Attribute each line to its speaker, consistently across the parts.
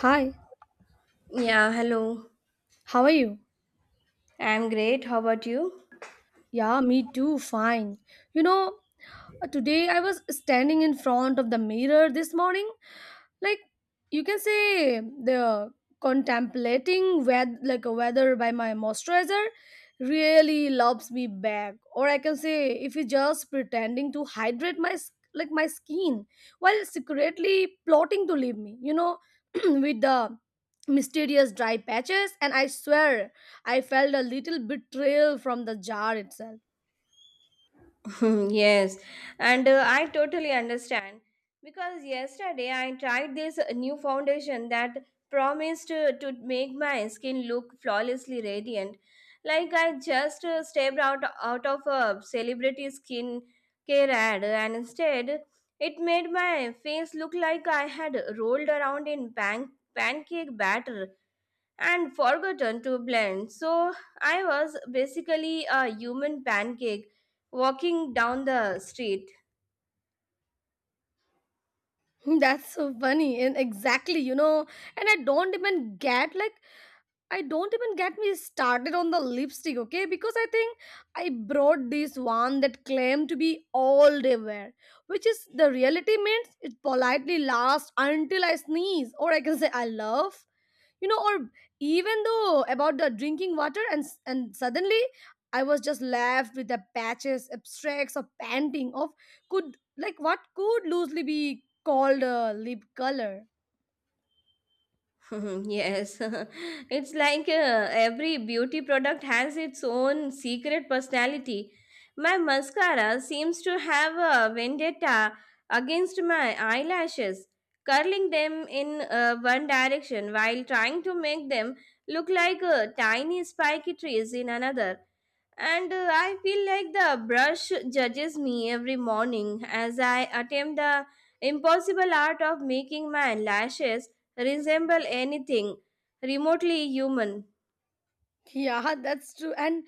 Speaker 1: Hi,
Speaker 2: Yeah, hello.
Speaker 1: how are you?
Speaker 2: I'm great. How about you?
Speaker 1: Yeah, me too, fine. You know, Today I was standing in front of the mirror this morning, like, you can say the contemplating weather like a weather by my moisturizer really loves me back, or I can say if you just pretending to hydrate like my skin while secretly plotting to leave me with the mysterious dry patches, and I swear I felt a little betrayal from the jar itself.
Speaker 2: Yes, and I totally understand because yesterday I tried this new foundation that promised to make my skin look flawlessly radiant. Like I just stepped out of a celebrity skin care ad, and instead it made my face look like I had rolled around in pancake batter and forgotten to blend. So I was basically a human pancake walking down the street.
Speaker 1: That's so funny and exactly, you know. And I don't even get like I don't even get me started on the lipstick, okay? Because I think I brought this one that claimed to be all day wear, which is the reality means it politely lasts until I sneeze, or I can say I love, you know, or even though about the drinking water, and suddenly I was just left with the patches, abstracts, or panting of could like what could loosely be called a lip color.
Speaker 2: Yes. It's like every beauty product has its own secret personality. My mascara seems to have a vendetta against my eyelashes, curling them in one direction while trying to make them look like tiny spiky trees in another. And I feel like the brush judges me every morning as I attempt the impossible art of making my lashes resemble anything remotely human.
Speaker 1: Yeah, that's true. And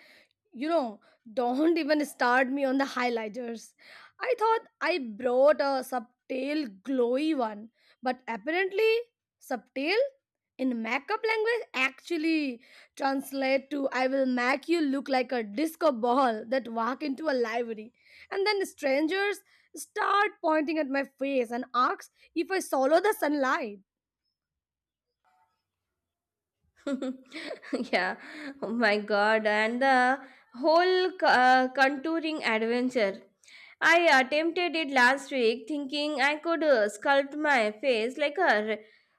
Speaker 1: you know, don't even start me on the highlighters. I thought I brought a subtle glowy one, but apparently subtle in makeup language actually translate to I will make you look like a disco ball that walk into a library. And then strangers start pointing at my face and ask if I swallow the sunlight.
Speaker 2: Yeah. Oh my god, and the whole contouring adventure, I attempted it last week thinking I could sculpt my face like a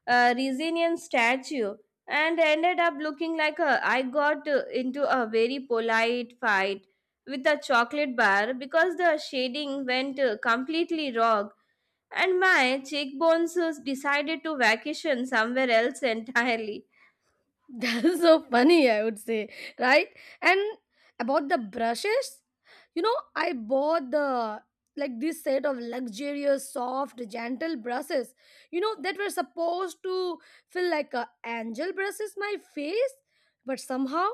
Speaker 2: Resinian statue, and ended up looking like a, I got into a very polite fight with a chocolate bar because the shading went completely wrong and my cheekbones decided to vacation somewhere else entirely.
Speaker 1: That's so funny, I would say, right? And about the brushes, you know, I bought the like this set of luxurious, soft, gentle brushes, you know, that were supposed to feel like a angel brushes my face, but somehow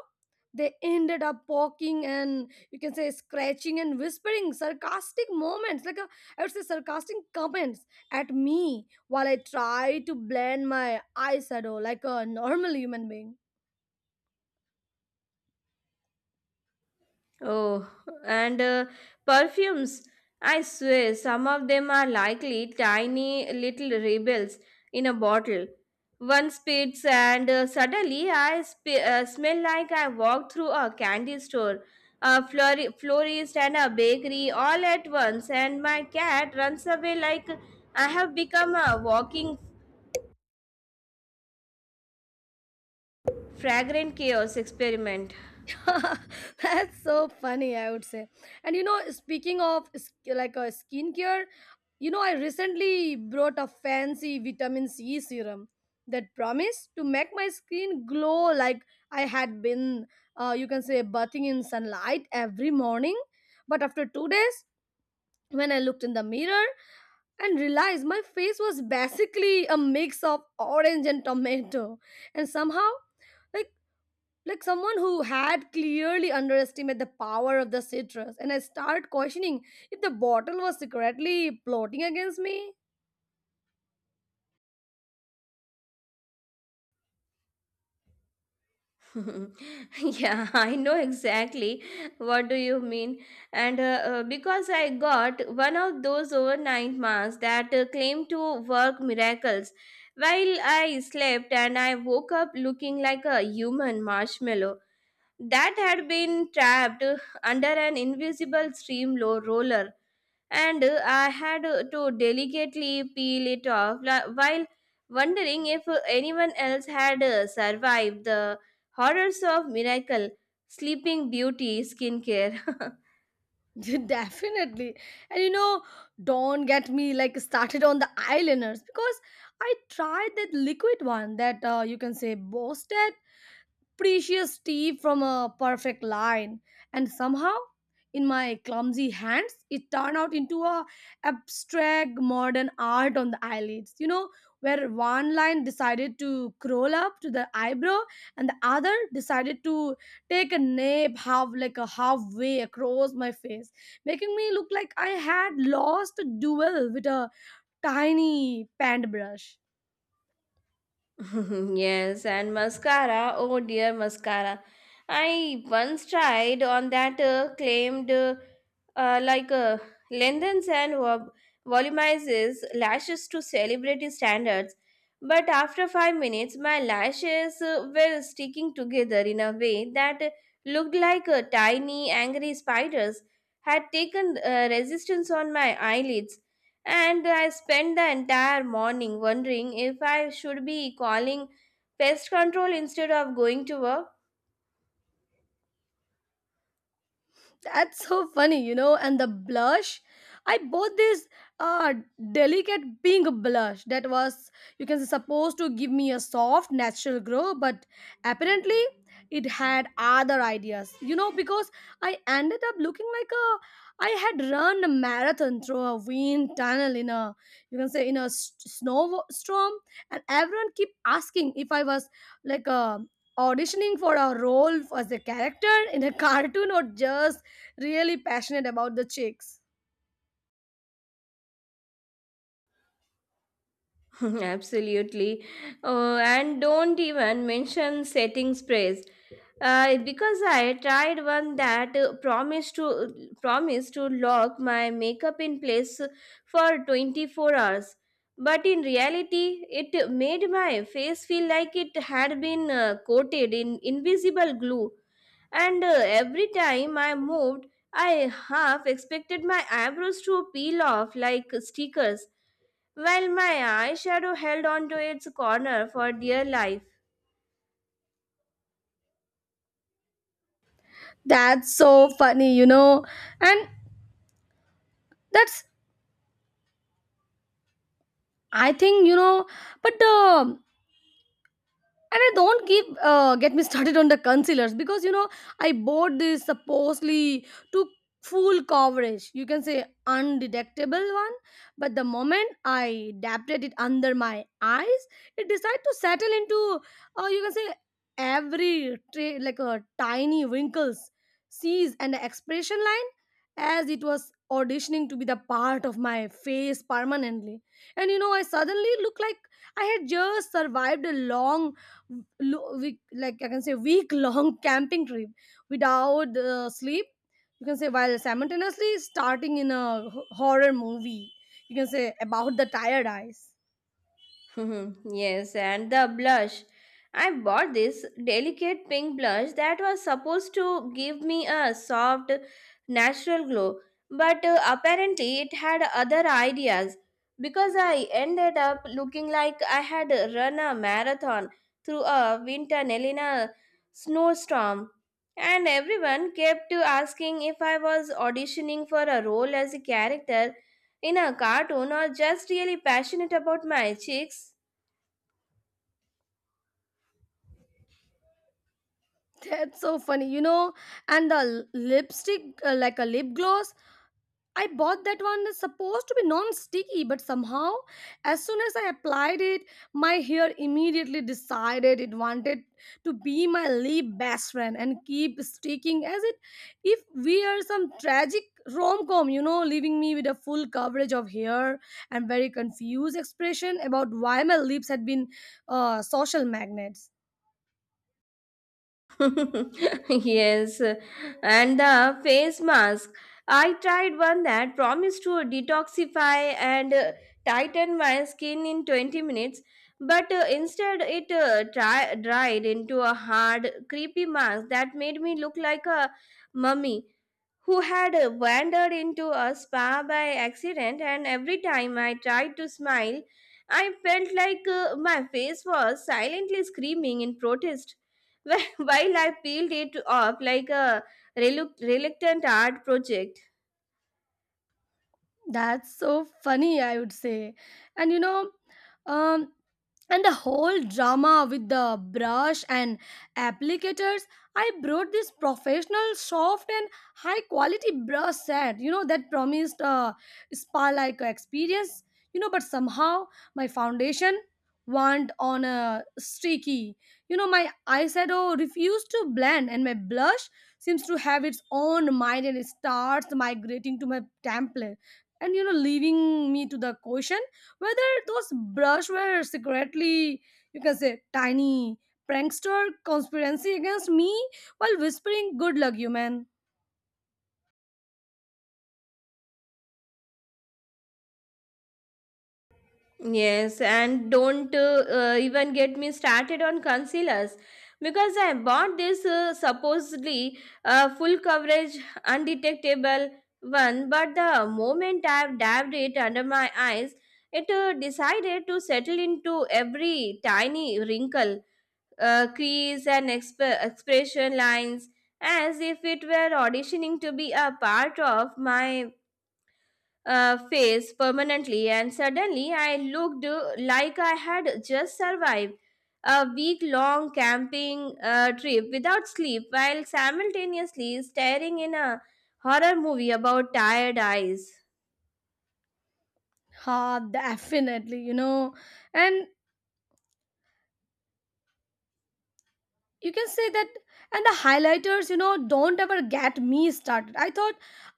Speaker 1: they ended up poking and you can say scratching and whispering sarcastic moments, like a, I would say sarcastic comments at me while I try to blend my eyeshadow like a normal human being.
Speaker 2: Oh, and perfumes. I swear, some of them are likely tiny little rebels in a bottle. One spits, and suddenly I smell like I walked through a candy store, a florist, and a bakery all at once. And my cat runs away like I have become a walking fragrant chaos experiment.
Speaker 1: That's so funny, I would say. And you know, speaking of like a skincare, you know, I recently brought a fancy vitamin C serum that promised to make my skin glow like I had been, you can say, bathing in sunlight every morning. But after 2 days, when I looked in the mirror, and realized my face was basically a mix of orange and tomato, and somehow, like like someone who had clearly underestimated the power of the citrus, and I started questioning if the bottle was secretly plotting against me.
Speaker 2: Yeah, I know exactly what do you mean. And because I got one of those overnight masks that claim to work miracles. While I slept and I woke up looking like a human marshmallow that had been trapped under an invisible roller, and I had to delicately peel it off while wondering if anyone else had survived the horrors of miracle sleeping beauty skincare.
Speaker 1: Definitely. And you know, don't get me started on the eyeliners, because I tried that liquid one that you can say boosted precious tea from a perfect line, and somehow in my clumsy hands it turned out into a abstract modern art on the eyelids, you know, where one line decided to crawl up to the eyebrow and the other decided to take a nap half, like a halfway across my face, making me look like I had lost a duel with a tiny paintbrush.
Speaker 2: Yes, and mascara. Oh dear, mascara. I once tried on that claimed like lengthens and volumizes lashes to celebrity standards. But after 5 minutes, my lashes were sticking together in a way that looked like tiny, angry spiders had taken resistance on my eyelids, and I spent the entire morning wondering if I should be calling pest control instead of going to work.
Speaker 1: That's so funny, you know. And the blush, I bought this uh, delicate pink blush that was, you can say, supposed to give me a soft, natural glow, but apparently it had other ideas, you know, because I ended up looking like a I had run a marathon through a wind tunnel in a, you can say, in a snowstorm, and everyone kept asking if I was like a auditioning for a role as a character in a cartoon or just really passionate about the chicks.
Speaker 2: Absolutely. Oh, and don't even mention setting sprays. Because I tried one that promised to lock my makeup in place for 24 hours, but in reality, it made my face feel like it had been coated in invisible glue. And every time I moved, I half expected my eyebrows to peel off like stickers, while my eyeshadow held onto its corner for dear life.
Speaker 1: That's so funny, you know. And that's I think, you know, but and I don't give get me started on the concealers, because you know I bought this supposedly to full coverage. You can say undetectable one, but the moment I dabbed it under my eyes, it decided to settle into you can say like a tiny wrinkles, seas, and the expression line as it was auditioning to be the part of my face permanently. And you know I suddenly look like I had just survived a week, like I can say week long camping trip without sleep. You can say while simultaneously starting in a horror movie. You can say about the tired eyes.
Speaker 2: Hmm. Yes, and the blush. I bought this delicate pink blush that was supposed to give me a soft, natural glow, but apparently it had other ideas, because I ended up looking like I had run a marathon through a winter tunnel snowstorm. And everyone kept asking if I was auditioning for a role as a character in a cartoon or just really passionate about my cheeks.
Speaker 1: That's so funny, you know. And the lipstick, like a lip gloss, I bought that one that's supposed to be non-sticky, but somehow, as soon as I applied it, my hair immediately decided it wanted to be my lip best friend and keep sticking as it if we are some tragic rom-com, you know, leaving me with a full coverage of hair and very confused expression about why my lips had been social magnets.
Speaker 2: Yes, and the face mask. I tried one that promised to detoxify and tighten my skin in 20 minutes, but instead it dried into a hard, creepy mask that made me look like a mummy who had wandered into a spa by accident, and every time I tried to smile, I felt like my face was silently screaming in protest. While I peeled it off like a reluctant art project.
Speaker 1: That's so funny, I would say. And you know, um, and the whole drama with the brush and applicators, I brought this professional, soft, and high quality brush set, you know, that promised a spa like experience, you know, but somehow my foundation went on a streaky. You know, my eyeshadow refused to blend, and my blush seems to have its own mind, and it starts migrating to my template, and you know leaving me to the question whether those brush were secretly, you can say, tiny prankster conspiracy against me while whispering good luck you man.
Speaker 2: Yes, and don't even get me started on concealers, because I bought this supposedly full coverage, undetectable one, but the moment I've dabbed it under my eyes, it decided to settle into every tiny wrinkle, crease, and expression lines as if it were auditioning to be a part of my face permanently, and suddenly I looked like I had just survived a week long camping trip without sleep while simultaneously staring in a horror movie about tired eyes.
Speaker 1: Ha, definitely, you know. And you can say that, and the highlighters, you know, don't ever get me started. I thought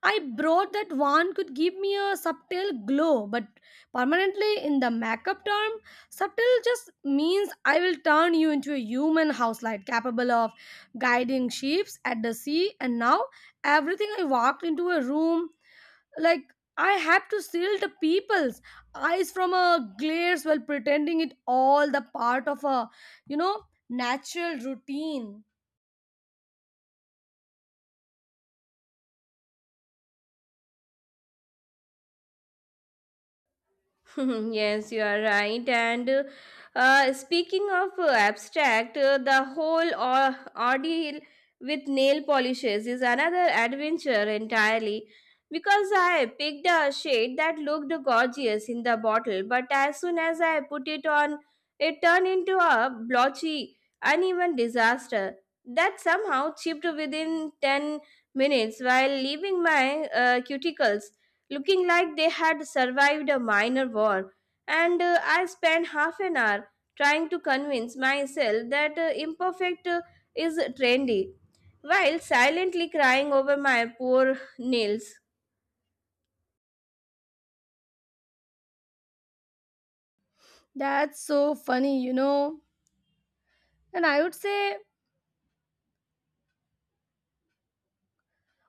Speaker 1: I brought that one could give me a subtle glow, but permanently in the makeup term subtle just means I will turn you into a human house light capable of guiding ships at the sea, and now everything I walked into a room, like, I had to shield the people's eyes from a glares while pretending it all the part of a, you know, natural routine.
Speaker 2: Yes, you are right. And speaking of abstract, the whole ordeal with nail polishes is another adventure entirely. Because I picked a shade that looked gorgeous in the bottle, but as soon as I put it on, it turned into a blotchy, uneven disaster that somehow chipped within 10 minutes while leaving my cuticles looking like they had survived a minor war, and I spent half an hour trying to convince myself that imperfect is trendy, while silently crying over my poor nails.
Speaker 1: That's so funny, you know, and I would say,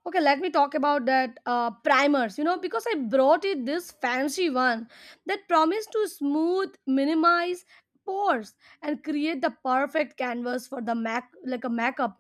Speaker 1: okay, let me talk about that primers. You know, because I brought it this fancy one that promised to smooth, minimize pores, and create the perfect canvas for the mac like a makeup.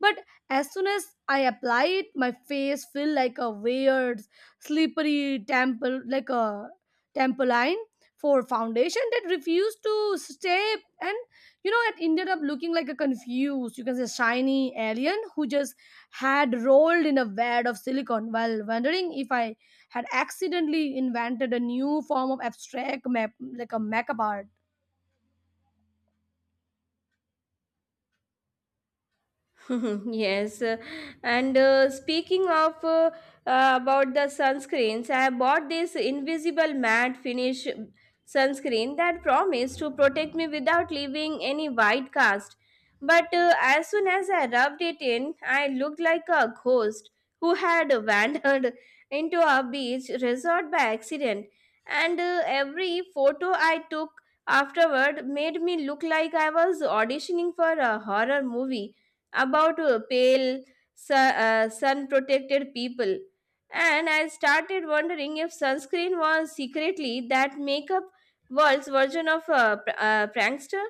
Speaker 1: But as soon as I apply it, my face feel like a weird, slippery temple, like a temple line for foundation that refused to stay, and you know, it ended up looking like a confused, you can say, shiny alien who just had rolled in a wad of silicon while wondering if I had accidentally invented a new form of abstract map, like a makeup art.
Speaker 2: yes and speaking of about the sunscreens, I bought this invisible matte finish sunscreen that promised to protect me without leaving any white cast, but as soon as I rubbed it in, I looked like a ghost who had wandered into a beach resort by accident, and every photo I took afterward made me look like I was auditioning for a horror movie about pale, sun protected people. And I started wondering if sunscreen was secretly that makeup world's version of a prankster.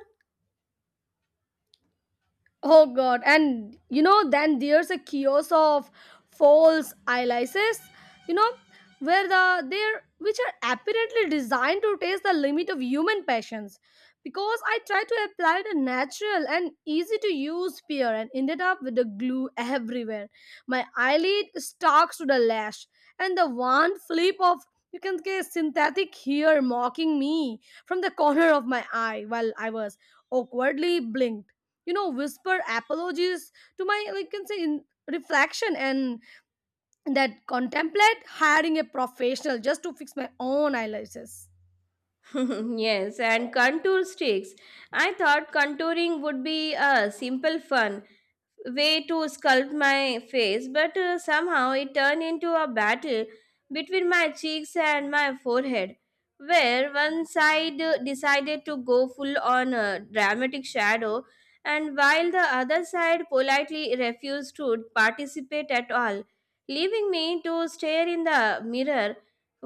Speaker 1: Oh god, and you know, then there's a kiosk of false eyelashes, you know, where the they're which are apparently designed to test the limit of human patience. Because I tried to apply the natural and easy to use pear and ended up with the glue everywhere. My eyelid stalks to the lash, and the one flip of you can get synthetic hair mocking me from the corner of my eye while I was awkwardly blinked, you know, whisper apologies to my like can say in reflection, and that contemplate hiring a professional just to fix my own eyelashes.
Speaker 2: Yes, and contour sticks. I thought contouring would be a simple fun way to sculpt my face, but somehow it turned into a battle between my cheeks and my forehead, where one side decided to go full on dramatic shadow, and while the other side politely refused to participate at all, leaving me to stare in the mirror,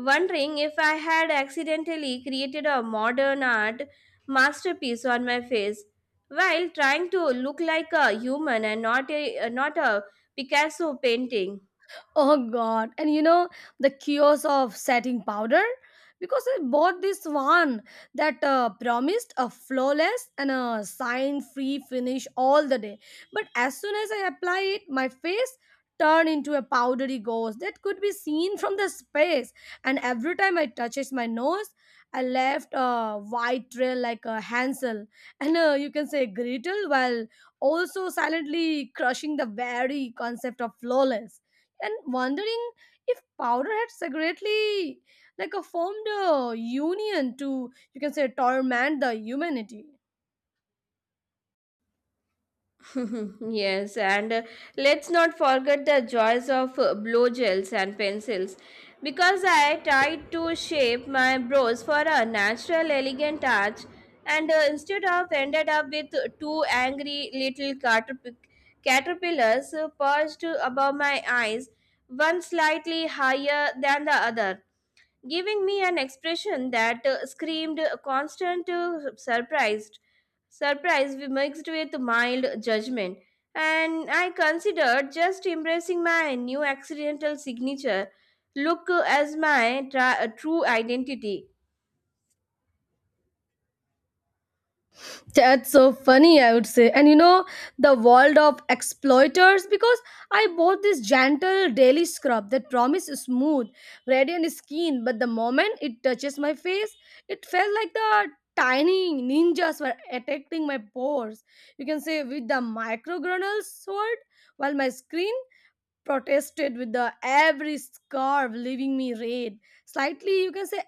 Speaker 2: wondering if I had accidentally created a modern art masterpiece on my face while trying to look like a human and not a Picasso painting.
Speaker 1: Oh god. And you know the kiosk of setting powder? Because I bought this one that promised a flawless and a sign free finish all the day. But as soon as I apply it, my face turned into a powdery ghost that could be seen from the space. And every time I touches my nose, I left a white trail like a Hansel and you can say Gretel, while also silently crushing the very concept of flawless and wondering if powder had secretly like a formed a union to, you can say, torment the humanity.
Speaker 2: Yes, and let's not forget the joys of blow gels and pencils, because I tried to shape my brows for a natural elegant arch and instead of ended up with two angry little caterpillars perched above my eyes, one slightly higher than the other, giving me an expression that screamed a constant surprise we mixed with mild judgment, and I considered just embracing my new accidental signature look as my true identity.
Speaker 1: That's so funny, I would say. And you know, the world of exploiters, because I bought this gentle daily scrub that promises smooth radiant skin, but the moment it touches my face it felt like the tiny ninjas were attacking my pores, you can say with the microgranal sword, while my skin protested with the every scarf, leaving me red, slightly, you can say,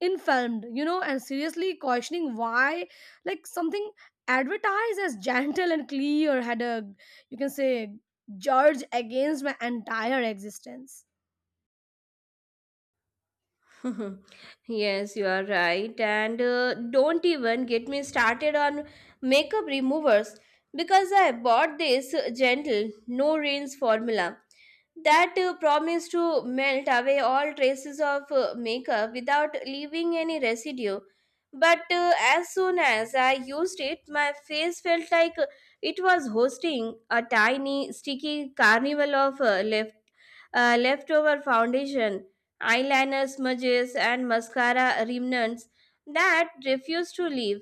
Speaker 1: inflamed, you know, and seriously questioning why like something advertised as gentle and clear had a, you can say, judge against my entire existence.
Speaker 2: Yes, you are right. And don't even get me started on makeup removers because I bought this gentle no rinse formula that promised to melt away all traces of makeup without leaving any residue. But as soon as I used it, my face felt like it was hosting a tiny, sticky carnival of leftover foundation, eyeliner smudges, and mascara remnants that refused to leave.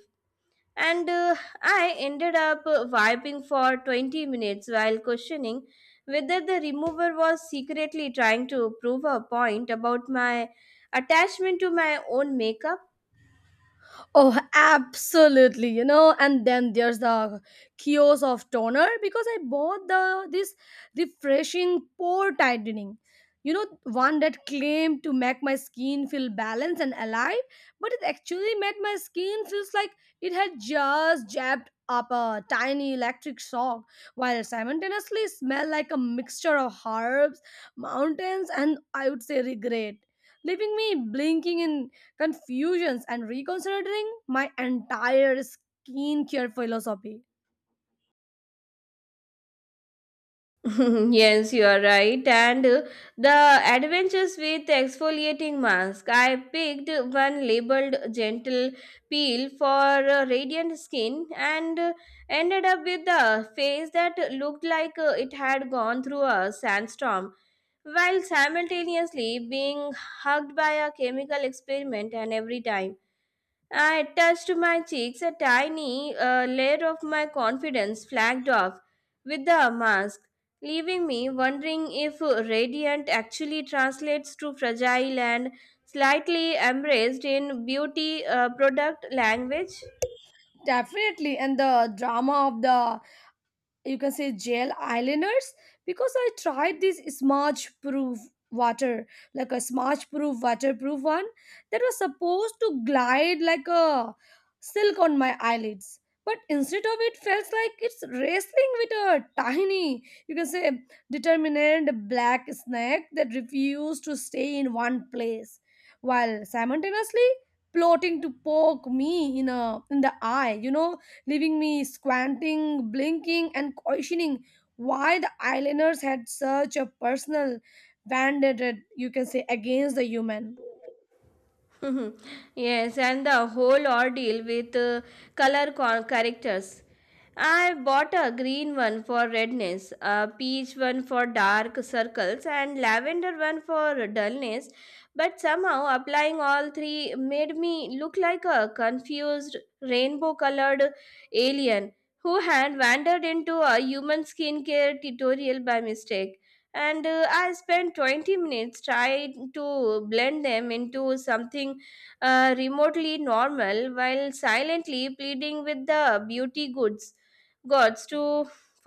Speaker 2: And I ended up wiping for 20 minutes while questioning whether the remover was secretly trying to prove a point about my attachment to my own makeup.
Speaker 1: Oh, absolutely, you know. And then there's the kiosk of toner, because I bought the this refreshing pore tightening. You know, one that claimed to make my skin feel balanced and alive, but it actually made my skin feels like it had just jabbed up a tiny electric shock, while simultaneously smell like a mixture of herbs, mountains, and I would say regret, leaving me blinking in confusions and reconsidering my entire skincare philosophy.
Speaker 2: Yes, you are right. And the adventures with exfoliating mask. I picked one labeled gentle peel for radiant skin and ended up with a face that looked like it had gone through a sandstorm while simultaneously being hugged by a chemical experiment, and every time I touched to my cheeks a tiny layer of my confidence flagged off with the mask, leaving me wondering if radiant actually translates to fragile and slightly embraced in beauty product language.
Speaker 1: Definitely, and the drama of the, you can say, gel eyeliners because I tried this smudge proof water, like a smudge proof waterproof one that was supposed to glide like a silk on my eyelids, but instead of it felt like it's wrestling with a tiny, you can say, determined black snake that refused to stay in one place while simultaneously plotting to poke me in the eye, you know, leaving me squinting, blinking, and questioning why the islanders had such a personal vendetta, you can say, against the human.
Speaker 2: Mhm. Yes, and the whole ordeal with characters. I bought a green one for redness, a peach one for dark circles, and lavender one for dullness. But somehow applying all three made me look like a confused rainbow colored alien who had wandered into a human skincare tutorial by mistake, and I spent 20 minutes trying to blend them into something remotely normal while silently pleading with the beauty goods gods to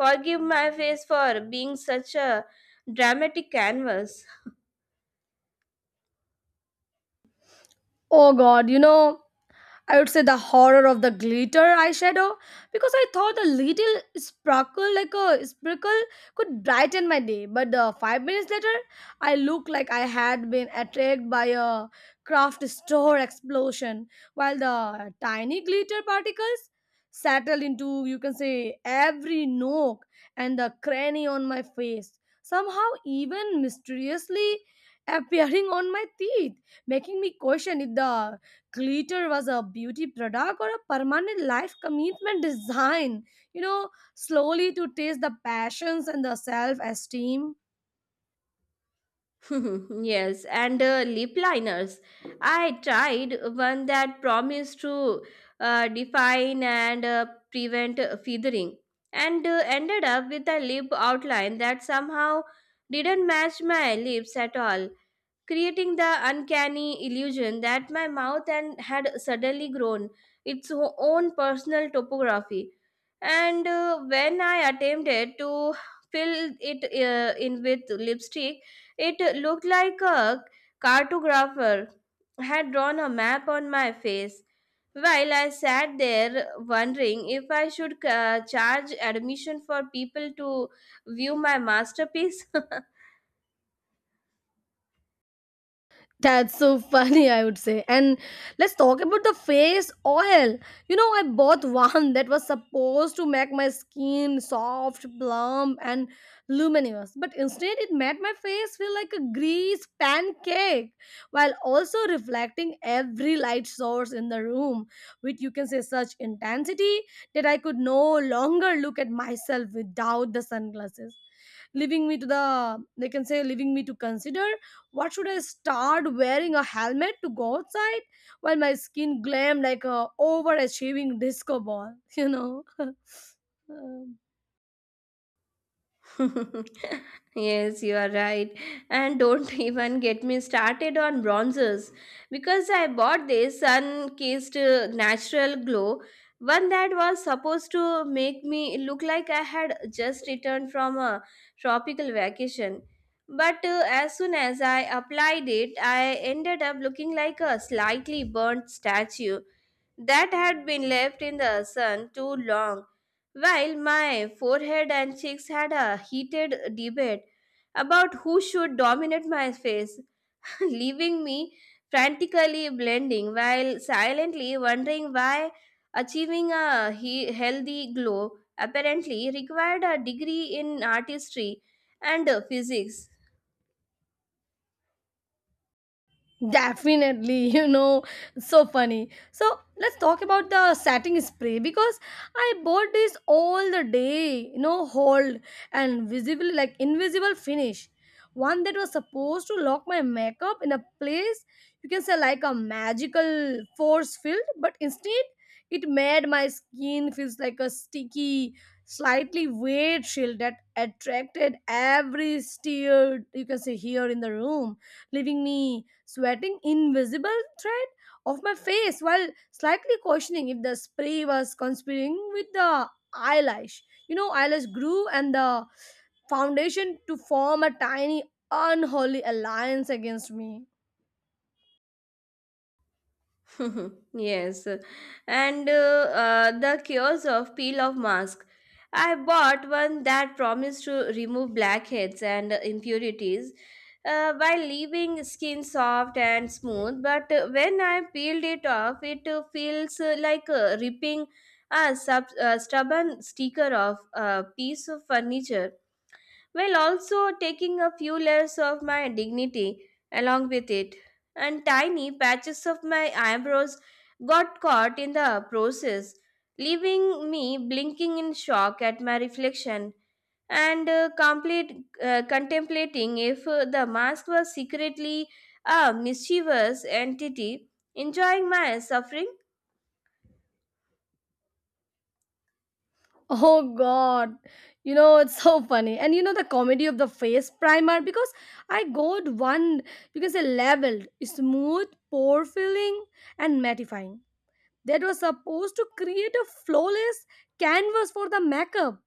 Speaker 2: forgive my face for being such a dramatic canvas.
Speaker 1: Oh god, you know, I would say the horror of the glitter eyeshadow because I thought a little sparkle, like a sprinkle, could brighten my day. But 5 minutes later, I looked like I had been attacked by a craft store explosion, while the tiny glitter particles settled into, you can say, every nook and the cranny on my face, somehow even mysteriously appearing on my teeth, making me question if the glitter was a beauty product or a permanent life commitment design. You know, slowly to taste the passions and the self esteem.
Speaker 2: Yes, and lip liners. I tried one that promised to define and prevent feathering, and ended up with a lip outline that somehow didn't match my lips at all, creating the uncanny illusion that my mouth and had suddenly grown its own personal topography, and when I attempted to fill it in with lipstick, it looked like a cartographer had drawn a map on my face while I sat there wondering if I should charge admission for people to view my masterpiece.
Speaker 1: That's so funny, I would say. And let's talk about the face oil. You know, I bought one that was supposed to make my skin soft, plump, and luminous, but instead it made my face feel like a grease pancake while also reflecting every light source in the room with, you can say, such intensity that I could no longer look at myself without the sunglasses, leaving me to the they can say leaving me to consider what should I start wearing a helmet to go outside while my skin glammed like a overachieving disco ball? You know. Um,
Speaker 2: Yes, you are right. And don't even get me started on bronzers, because I bought this sun kissed natural glow, one that was supposed to make me look like I had just returned from a tropical vacation. But as soon as I applied it, I ended up looking like a slightly burnt statue that had been left in the sun too long. While my forehead and cheeks had a heated debate about who should dominate my face, leaving me frantically blending while silently wondering why achieving a healthy glow apparently required a degree in artistry and physics.
Speaker 1: Definitely, you know, so funny. So let's talk about the setting spray because I bought this all the day, you know, hold and visible like invisible finish. One that was supposed to lock my makeup in a place, you can say, like a magical force field, but instead it made my skin feels like a sticky, slightly wet shield that attracted every stare, you can say, here in the room, leaving me sweating invisible thread of my face while slightly questioning if the spray was conspiring with the eyelash. You know, eyelash grew and the foundation to form a tiny unholy alliance against me.
Speaker 2: Yes, and the cures of peel off mask. I bought one that promised to remove blackheads and impurities while leaving skin soft and smooth. But when I peeled it off, it feels like ripping a stubborn sticker off a piece of furniture while also taking a few layers of my dignity along with it. And tiny patches of my eyebrows got caught in the process, leaving me blinking in shock at my reflection and complete contemplating if the mask was secretly a mischievous entity enjoying my suffering.
Speaker 1: Oh god. You know, it's so funny. And you know the comedy of the face primer because I got one, you can say, leveled, smooth, pore filling and mattifying, that was supposed to create a flawless canvas for the makeup.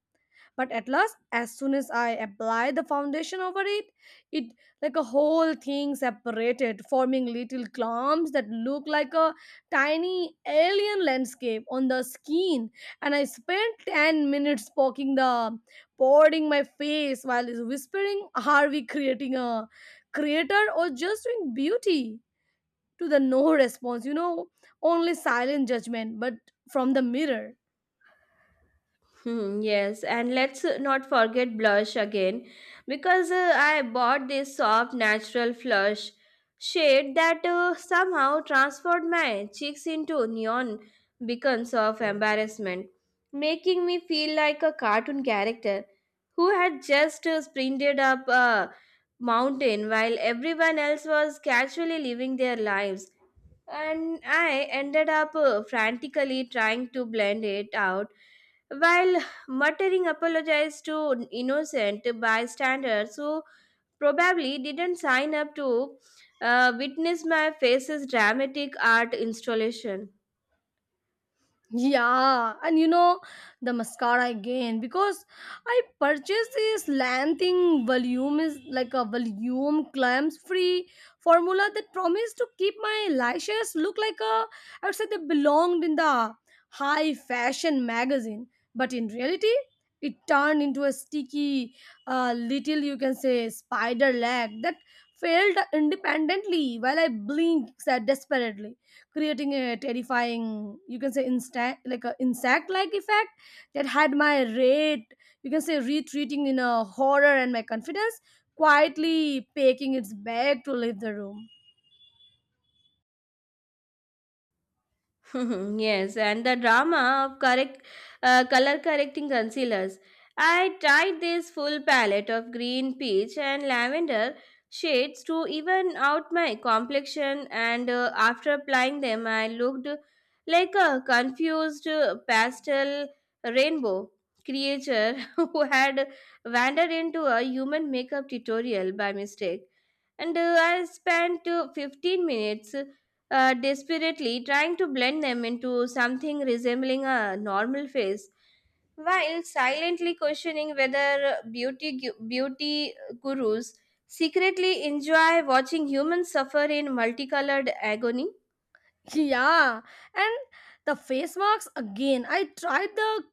Speaker 1: But at last, as soon as I applied the foundation over it, it like a whole thing separated, forming little clumps that look like a tiny alien landscape on the skin. And I spent 10 minutes poking the pouring my face while whispering, "Are we creating a creator or just doing beauty?" to the no response, you know, only silent judgment, but from the mirror.
Speaker 2: Hmm, yes, and let's not forget blush again, because I bought this soft natural flush shade that somehow transformed my cheeks into neon beacons of embarrassment, making me feel like a cartoon character who had just sprinted up a mountain while everyone else was casually living their lives, and I ended up frantically trying to blend it out while muttering apologies to innocent bystanders who probably didn't sign up to witness my face's dramatic art installation.
Speaker 1: Yeah, and you know the mascara again because I purchased this Lanthing volume is like a volume clams free formula that promised to keep my lashes look like a, I would say, they belonged in the high fashion magazine, but in reality it turned into a sticky, little, you can say, spider leg that failed independently while I blinked desperately, creating a terrifying, you can say, like a insect like effect that had my rate, you can say, retreating in a horror and my confidence quietly packing its bag to leave the room.
Speaker 2: Yes, and the drama of correct color correcting concealers. I tried this full palette of green, peach, and lavender shades to even out my complexion, and after applying them, I looked like a confused pastel rainbow creature who had wandered into a human makeup tutorial by mistake, and I spent 15 minutes desperately trying to blend them into something resembling a normal face, while silently questioning whether beauty gurus secretly enjoy watching humans suffer in multicolored agony.
Speaker 1: Yeah, and the face marks again, I tried the,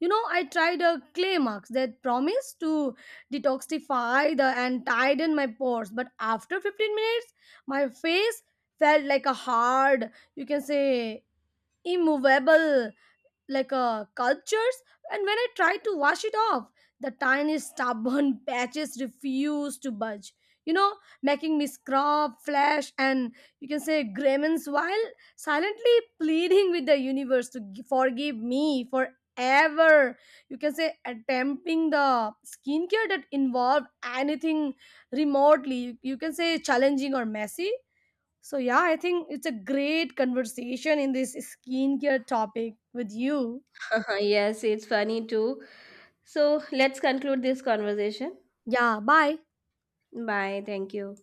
Speaker 1: you know, I tried a clay marks that promised to detoxify the and tighten my pores, but after 15 minutes my face felt like a hard, you can say, immovable, like cultures, and when I try to wash it off, the tiny stubborn patches refuse to budge, you know, making me scrub flash and, you can say, grimace while silently pleading with the universe to forgive me for ever, you can say, attempting the skincare that involved anything remotely you can say challenging or messy. So yeah, I think it's a great conversation in this skincare topic with you.
Speaker 2: Yes, it's funny too. So let's conclude this conversation.
Speaker 1: Yeah, bye.
Speaker 2: Bye. Thank you.